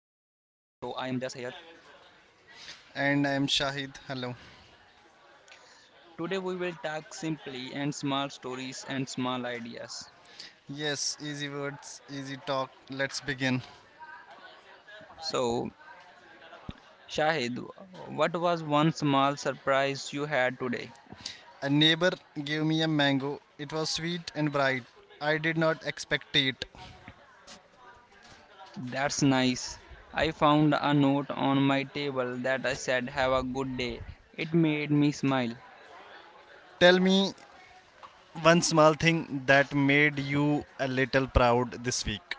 I am just here. And I am Shahid. Hello. Today, we will talk simply and small stories and small ideas. Yes, easy words, easy talk. Let's begin. So, Shahid, what was one small surprise you had today? A neighbor gave me a mango. It was sweet and bright. I did not expect it. That's nice. I found a note on my table that I said, "Have a good day." It made me smile. Tell me one small thing that made you a little proud this week.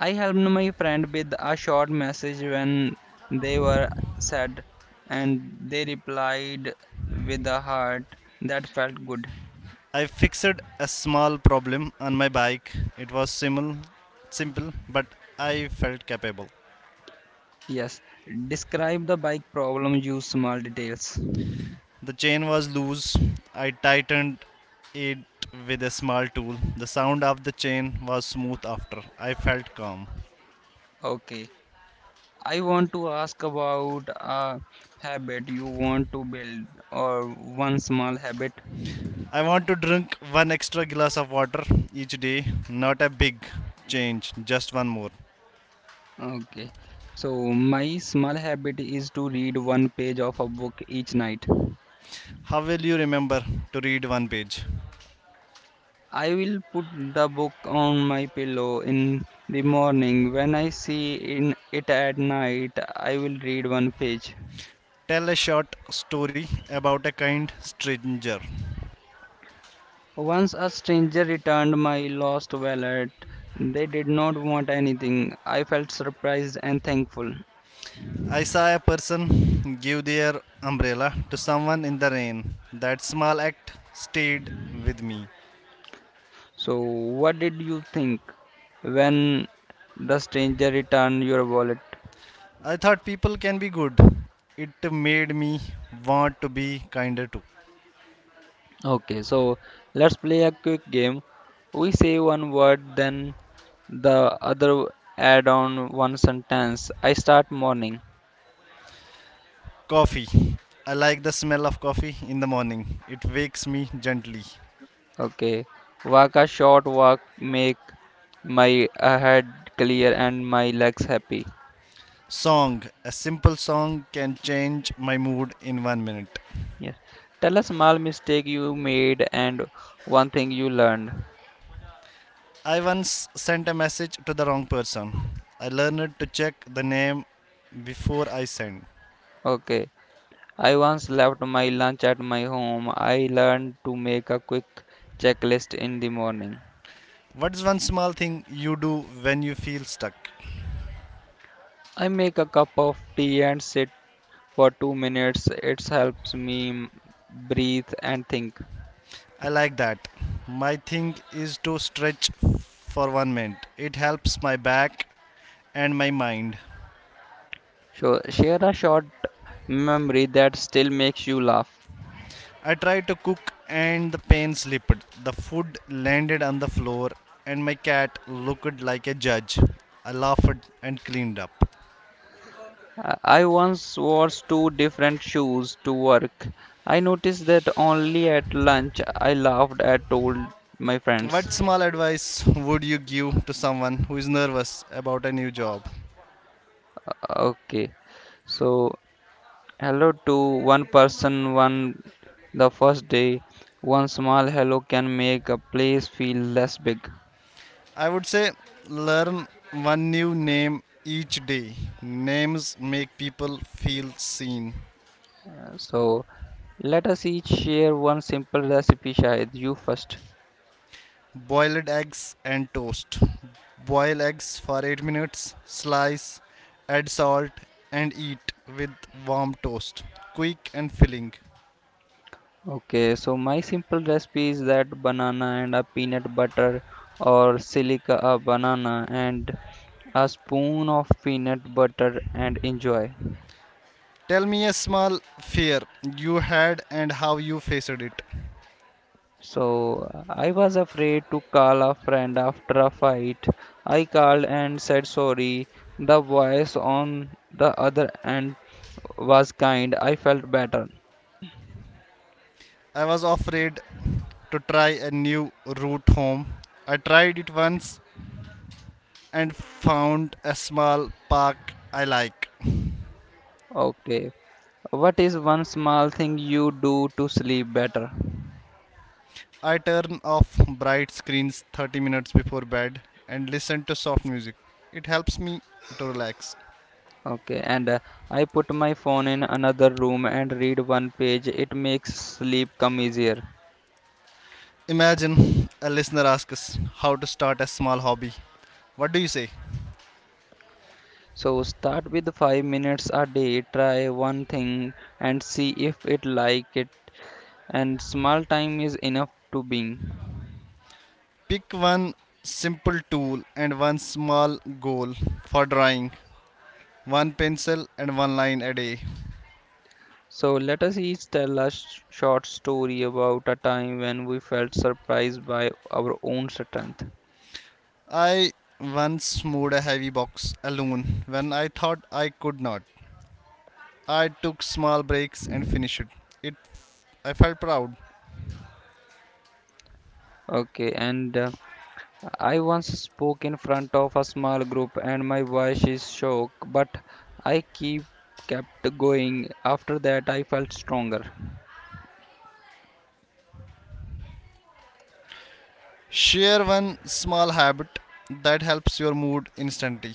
I helped my friend with a short message when they were sad, and they replied with a heart that felt good. I fixed a small problem on my bike. It was simple, but I felt capable. Yes, describe the bike problem, use small details. The chain was loose. I tightened it with a small tool. The sound of the chain was smooth after. I felt calm. Okay, I want to ask about a habit you want to build or one small habit. I want to drink one extra glass of water each day, not a big change, just one more. Okay, so my small habit is to read one page of a book each night. How will you remember to read one page? I will put the book on my pillow in the morning. When I see in it at night, I will read one page. Tell a short story about a kind stranger. Once a stranger returned my lost wallet. They did not want anything. I felt surprised and thankful. I saw a person give their umbrella to someone in the rain. That small act stayed with me. So, what did you think when the stranger returned your wallet? I thought people can be good. It made me want to be kinder too. Okay, so let's play a quick game. We say one word, then the other add on one sentence. I start morning. Coffee. I like the smell of coffee in the morning. It wakes me gently. Okay, walk a short walk, make my head clear and my legs happy. Song. A simple song can change my mood in 1 minute. Yes. Tell a small mistake you made and one thing you learned. I once sent a message to the wrong person. I learned to check the name before I send. Okay. I once left my lunch at my home. I learned to make a quick checklist in the morning. What's one small thing you do when you feel stuck? I make a cup of tea and sit for 2 minutes. It helps me breathe and think. I like that. My thing is to stretch for 1 minute. It helps my back and my mind. So share a short memory that still makes you laugh. I tried to cook and the pan slipped. The food landed on the floor and my cat looked like a judge. I laughed and cleaned up. I I once wore two different shoes to work. I noticed that only at lunch. I laughed and told my friends. What small advice would you give to someone who is nervous about a new job? Okay, so hello to one person, one the first day. One small hello can make a place feel less big. I would say learn one new name each day. Names make people feel seen. So let us each share one simple recipe, Shahid. You first. Boiled eggs and toast. Boil eggs for 8 minutes, slice, add salt, and eat with warm toast. Quick and filling. Okay, so my simple recipe is that banana and a peanut butter or silica a banana and a spoon of peanut butter and enjoy. Tell me a small fear you had and how you faced it. So I was afraid to call a friend after a fight. I called and said sorry. The voice on the other end was kind. I felt better. I was afraid to try a new route home. I tried it once and found a small park I like. Okay, what is one small thing you do to sleep better? I turn off bright screens 30 minutes before bed and listen to soft music. It helps me to relax. Okay, and I put my phone in another room and read one page. It makes sleep come easier. Imagine a listener asks us how to start a small hobby. What do you say? So start with 5 minutes a day, try one thing and see if it like it and small time is enough to being. Pick one simple tool and one small goal for drawing, one pencil and one line a day. So let us each tell a short story about a time when we felt surprised by our own strength. I once moved a heavy box alone when I thought I could not. I took small breaks and finished it. It I felt proud. Okay, and I once spoke in front of a small group and my voice is shook, but I keep kept going. After that, I felt stronger. Share one small habit that helps your mood instantly.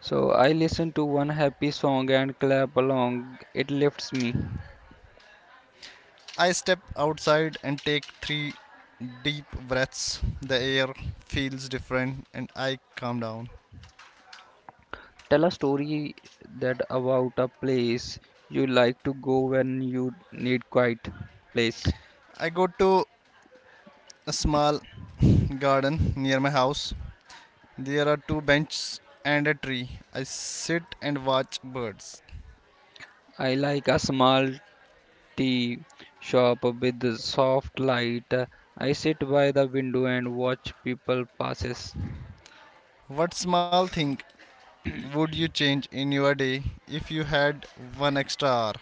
So I listen to one happy song and clap along. It lifts me. I step outside and take three deep breaths. The air feels different and I calm down. Tell a story that about a place you like to go when you need quiet place. I go to a small garden near my house. There are two benches and a tree. I sit and watch birds. I like a small tea shop with soft light. I sit by the window and watch people passes. What small thing would you change in your day if you had one extra hour?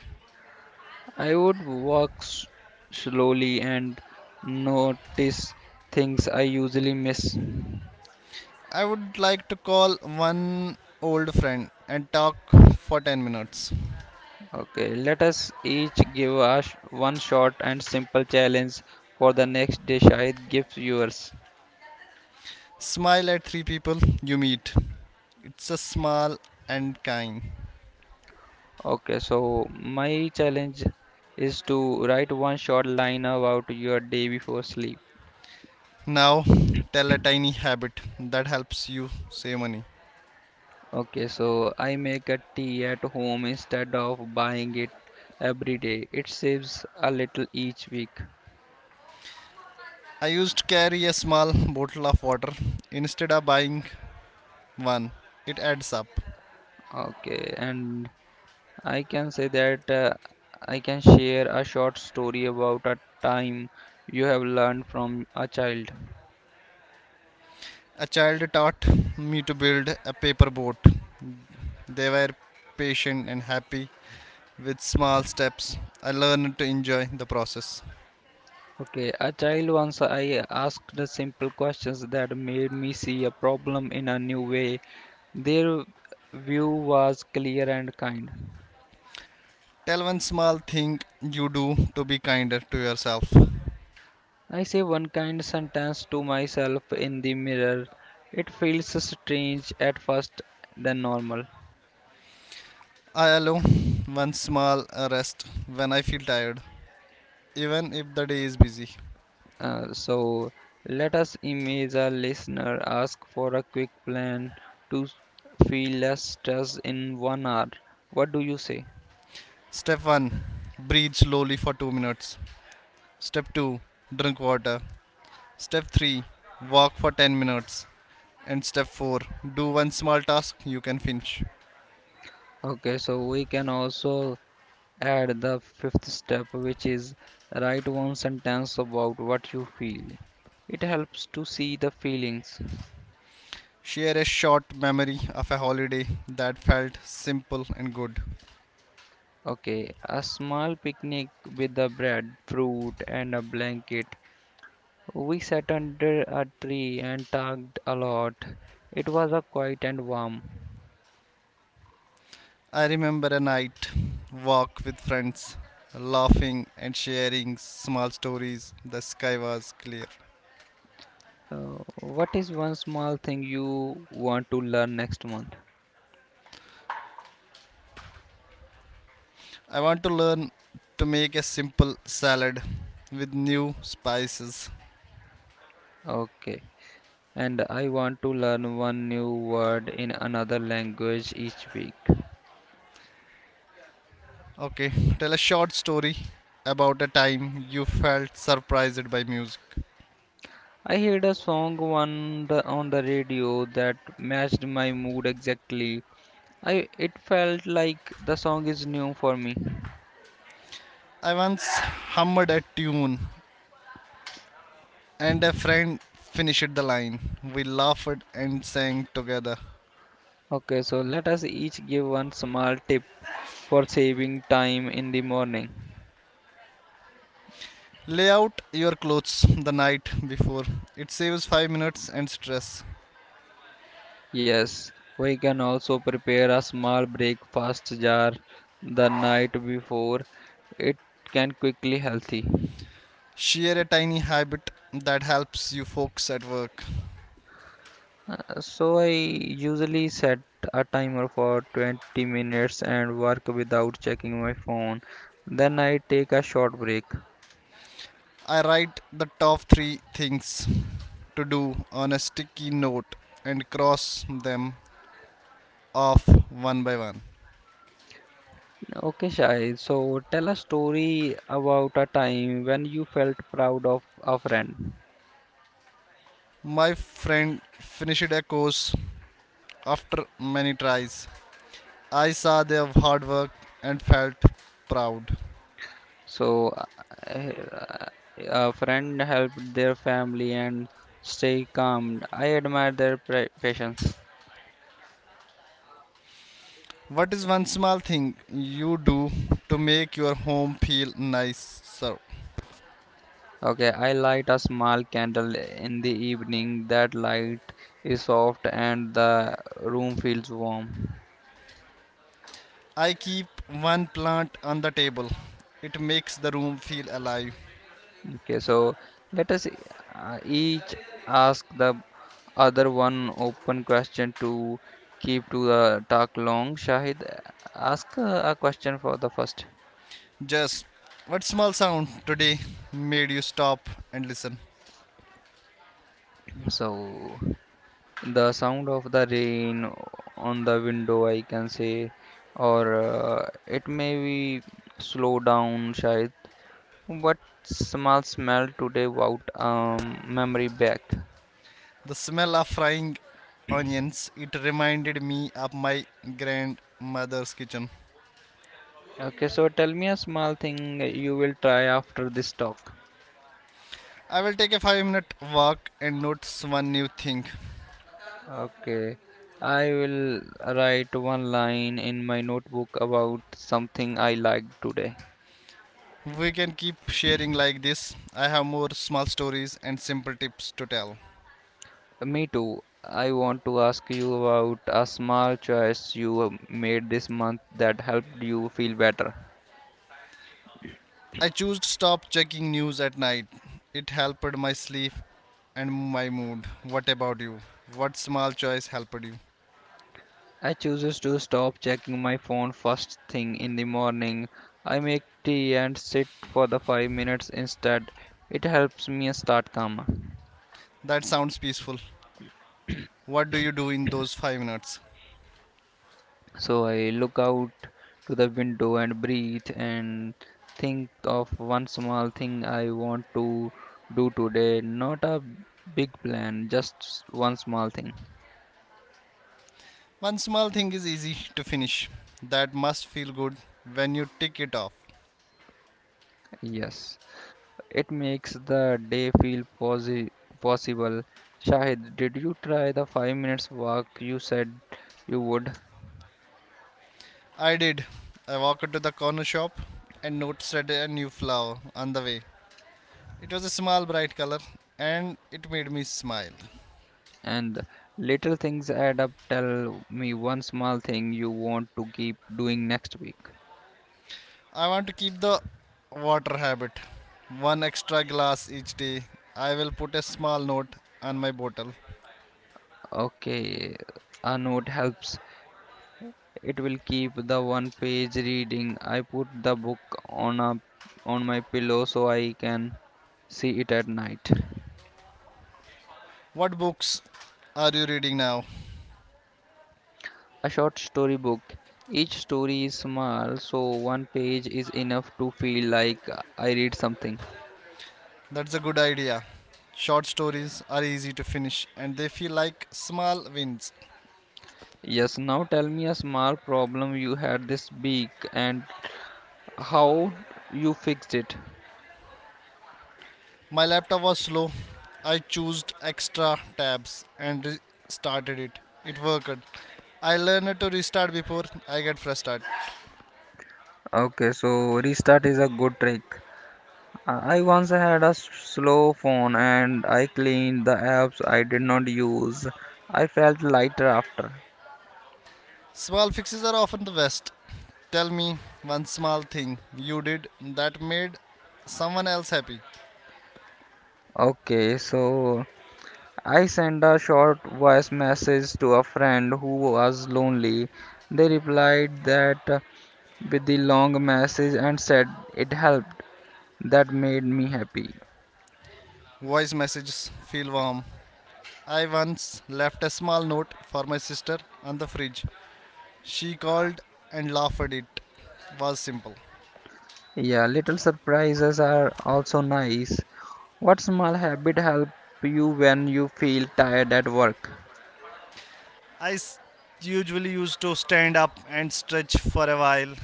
I would walk slowly and notice things I usually miss. I would like to call one old friend and talk for 10 minutes. Okay, let us each give us one short and simple challenge for the next dish I give yours. Smile at three people you meet. It's a small and kind. Okay, so my challenge is to write one short line about your day before sleep. Now, tell a tiny habit that helps you save money. Okay, so I make a tea at home instead of buying it every day. It saves a little each week. I used to carry a small bottle of water instead of buying one. It adds up. Okay, and I can say that I can share a short story about a time you have learned from a child. A child taught me to build a paper boat. They were patient and happy with small steps. I learned to enjoy the process. Okay, a child once I asked the simple questions that made me see a problem in a new way. Their view was clear and kind. Tell one small thing you do to be kinder to yourself. I say one kind sentence to myself in the mirror. It feels strange at first, then normal. I allow one small rest when I feel tired, even if the day is busy. So let us image a listener ask for a quick plan to feel less stress in one hour. What do you say? Step 1, breathe slowly for 2 minutes. Step 2, drink water. Step 3, walk for 10 minutes. And step 4, do one small task you can finish. Okay, so we can also add the fifth step, which is write one sentence about what you feel. It helps to see the feelings. Share a short memory of a holiday that felt simple and good. Okay, a small picnic with the bread, fruit, and a blanket. We sat under a tree and talked a lot. It was a quiet and warm. I remember a night walk with friends, laughing and sharing small stories. The sky was clear. What is one small thing you want to learn next month? I want to learn to make a simple salad with new spices. Okay. And I want to learn one new word in another language each week. Okay, tell a short story about a time you felt surprised by music. I heard a song on the radio that matched my mood exactly. I it felt like the song is new for me. I once hummed a tune and a friend finished the line. We laughed and sang together. Okay, so let us each give one small tip for saving time in the morning. Lay out your clothes the night before. It saves 5 minutes and stress. Yes, we can also prepare a small breakfast jar the night before. It can quickly healthy. Share a tiny habit that helps you focus at work. So I usually set a timer for 20 minutes and work without checking my phone. Then I take a short break. I write the top 3 things to do on a sticky note and cross them off one by one. Okay, Shai. So tell a story about a time when you felt proud of a friend. My friend finished a course after many tries. I saw their hard work and felt proud. So, uh, a friend helped their family and stay calm. I admire their patience. What is one small thing you do to make your home feel nicer? Okay, I light a small candle in the evening. That light is soft and the room feels warm. I keep one plant on the table. It makes the room feel alive. Okay, so let us each ask the other one open question to keep to the talk long. Shahid, ask a question for the first. Just what small sound today made you stop and listen? So. The sound of the rain on the window, I can say, or it may be slow down, Shahid. What small smell today without memory back? The smell of frying onions, it reminded me of my grandmother's kitchen. Okay, so tell me a small thing you will try after this talk. I will take a 5-minute walk and notice one new thing. Okay, I will write one line in my notebook about something I liked today. We can keep sharing like this. I have more small stories and simple tips to tell. Me too. I want to ask you about a small choice you made this month that helped you feel better. I chose to stop checking news at night. It helped my sleep and my mood. What about you? What small choice helped you? I chooses to stop checking my phone first thing in the morning. I make tea and sit for the 5 minutes instead. It helps me start calmer. That sounds peaceful. What do you do in those 5 minutes? So I look out to the window and breathe and think of one small thing I want to do today. Not a big plan, just one small thing. One small thing is easy to finish. That must feel good when you tick it off. Yes. It makes the day feel posi possible. Shahid, did you try the 5 minutes walk you said you would? I did. I walked to the corner shop and noticed a new flower on the way. It was a small bright color and it made me smile. And little things add up. Tell me one small thing you want to keep doing next week. I want to keep the water habit. One extra glass each day. I will put a small note on my bottle. Okay, a note helps. It will keep the one page reading. I put the book on a on my pillow so I can see it at night. What books are you reading now? A short story book. Each story is small, so one page is enough to feel like I read something. That's a good idea. Short stories are easy to finish and they feel like small wins. Yes, now tell me a small problem you had this week and how you fixed it. My laptop was slow. I chose extra tabs and restarted it. It worked. I learned to restart before I get frustrated. Okay, so restart is a good trick. I once had a slow phone and I cleaned the apps I did not use. I felt lighter after. Small fixes are often the best. Tell me one small thing you did that made someone else happy. Okay, so I sent a short voice message to a friend who was lonely. They replied that with the long message and said it helped. That made me happy. Voice messages feel warm. I once left a small note for my sister on the fridge. She called and laughed at it. Was simple. Yeah, little surprises are also nice. What small habit help you when you feel tired at work? I s- usually used to stand up and stretch for a while.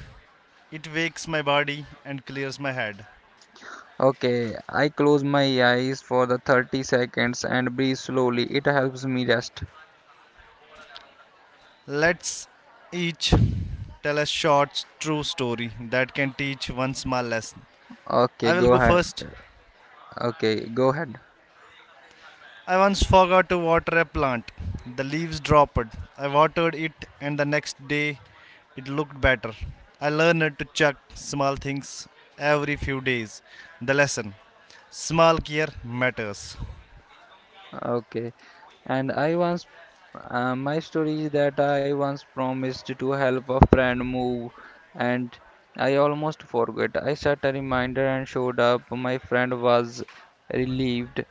It wakes my body and clears my head. Okay, I close my eyes for the 30 seconds and breathe slowly. It helps me rest. Let's each tell a short true story that can teach one small lesson. Okay, I will go go ahead. first. Okay, go ahead. I once forgot to water a plant. The leaves dropped. I watered it, and the next day it looked better. I learned to check small things every few days. The lesson: small care matters. Okay. And I once my story is that I once promised to help a friend move, and I almost forgot. I set a reminder and showed up. My friend was relieved.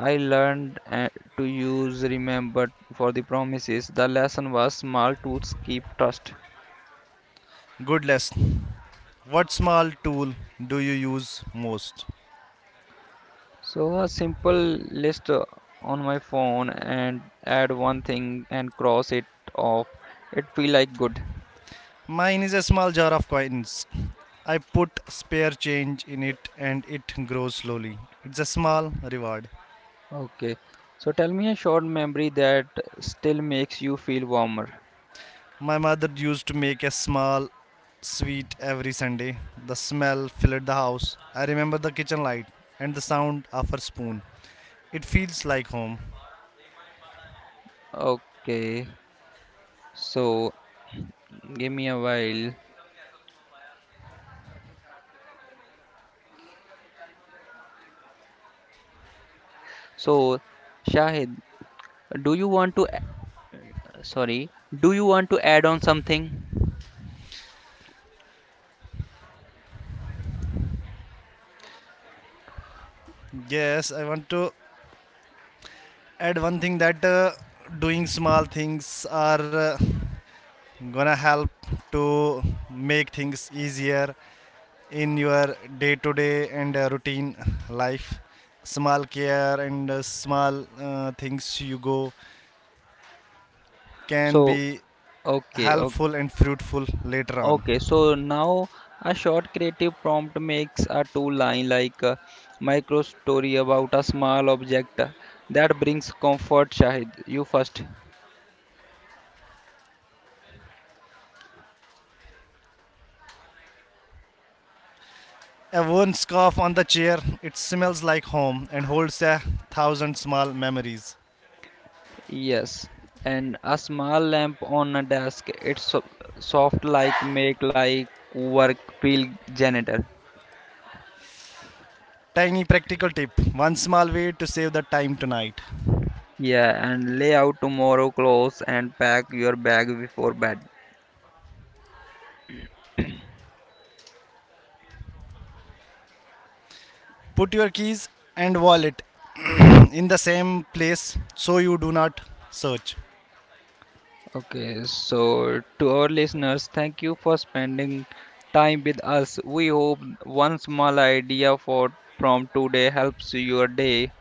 I learned to use remember for the promises. The lesson was small tools keep trust. Good lesson. What small tool do you use most? So a simple list on my phone and add one thing and cross it off. It feel like good. Mine is a small jar of coins. I put spare change in it and it grows slowly. It's a small reward. Okay. So tell me a short memory that still makes you feel warmer. My mother used to make a small sweet every Sunday. The smell filled the house. I remember the kitchen light and the sound of her spoon. It feels like home. Okay. So give me a while. So Shahid, do you want to sorry, do you want to add on something? Yes, I want to add one thing that doing small things are uh, gonna help to make things easier in your day to day and routine life. Small care and small things you go can So be okay, okay. helpful and fruitful later on. Okay, so now a short creative prompt makes a two line like a micro story about a small object that brings comfort, Shahid. You first. A worn scarf on the chair, it smells like home and holds a thousand small memories. Yes, and a small lamp on a desk, it's so soft like make like work feel janitor. Tiny practical tip: one small way to save the time tonight. Yeah, and lay out tomorrow clothes and pack your bag before bed. Put your keys and wallet in the same place so you do not search. Okay, so to our listeners, thank you for spending time with us. We hope one small idea for from today helps your day.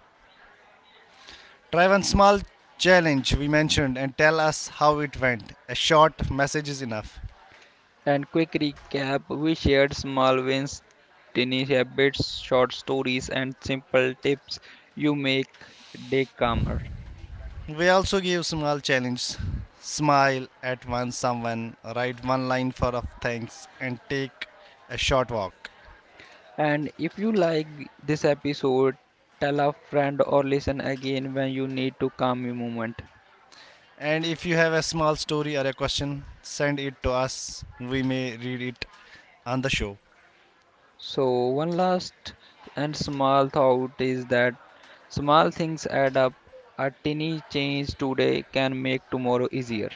Try one small challenge we mentioned and tell us how it went. A short message is enough. And quick recap we shared small wins, tiny habits, short stories, and simple tips you make day calmer. We also give small challenges: smile at one someone, write one line for of thanks and take a short walk. And if you like this episode, tell a friend or listen again when you need to calm your moment. And if you have a small story or a question, send it to us. We may read it on the show. So, one last and small thought is that small things add up. A tiny change today can make tomorrow easier.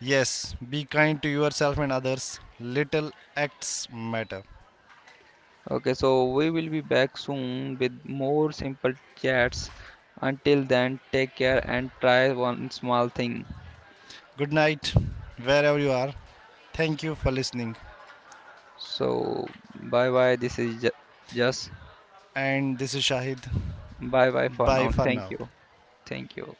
Yes, be kind to yourself and others. Little acts matter. Okay, so we will be back soon with more simple chats. Until then, take care and try one small thing. Good night, wherever you are. Thank you for listening. So, bye bye. This is just And this is Shahid. bye bye for Bye now. for Thank now. you. Thank you.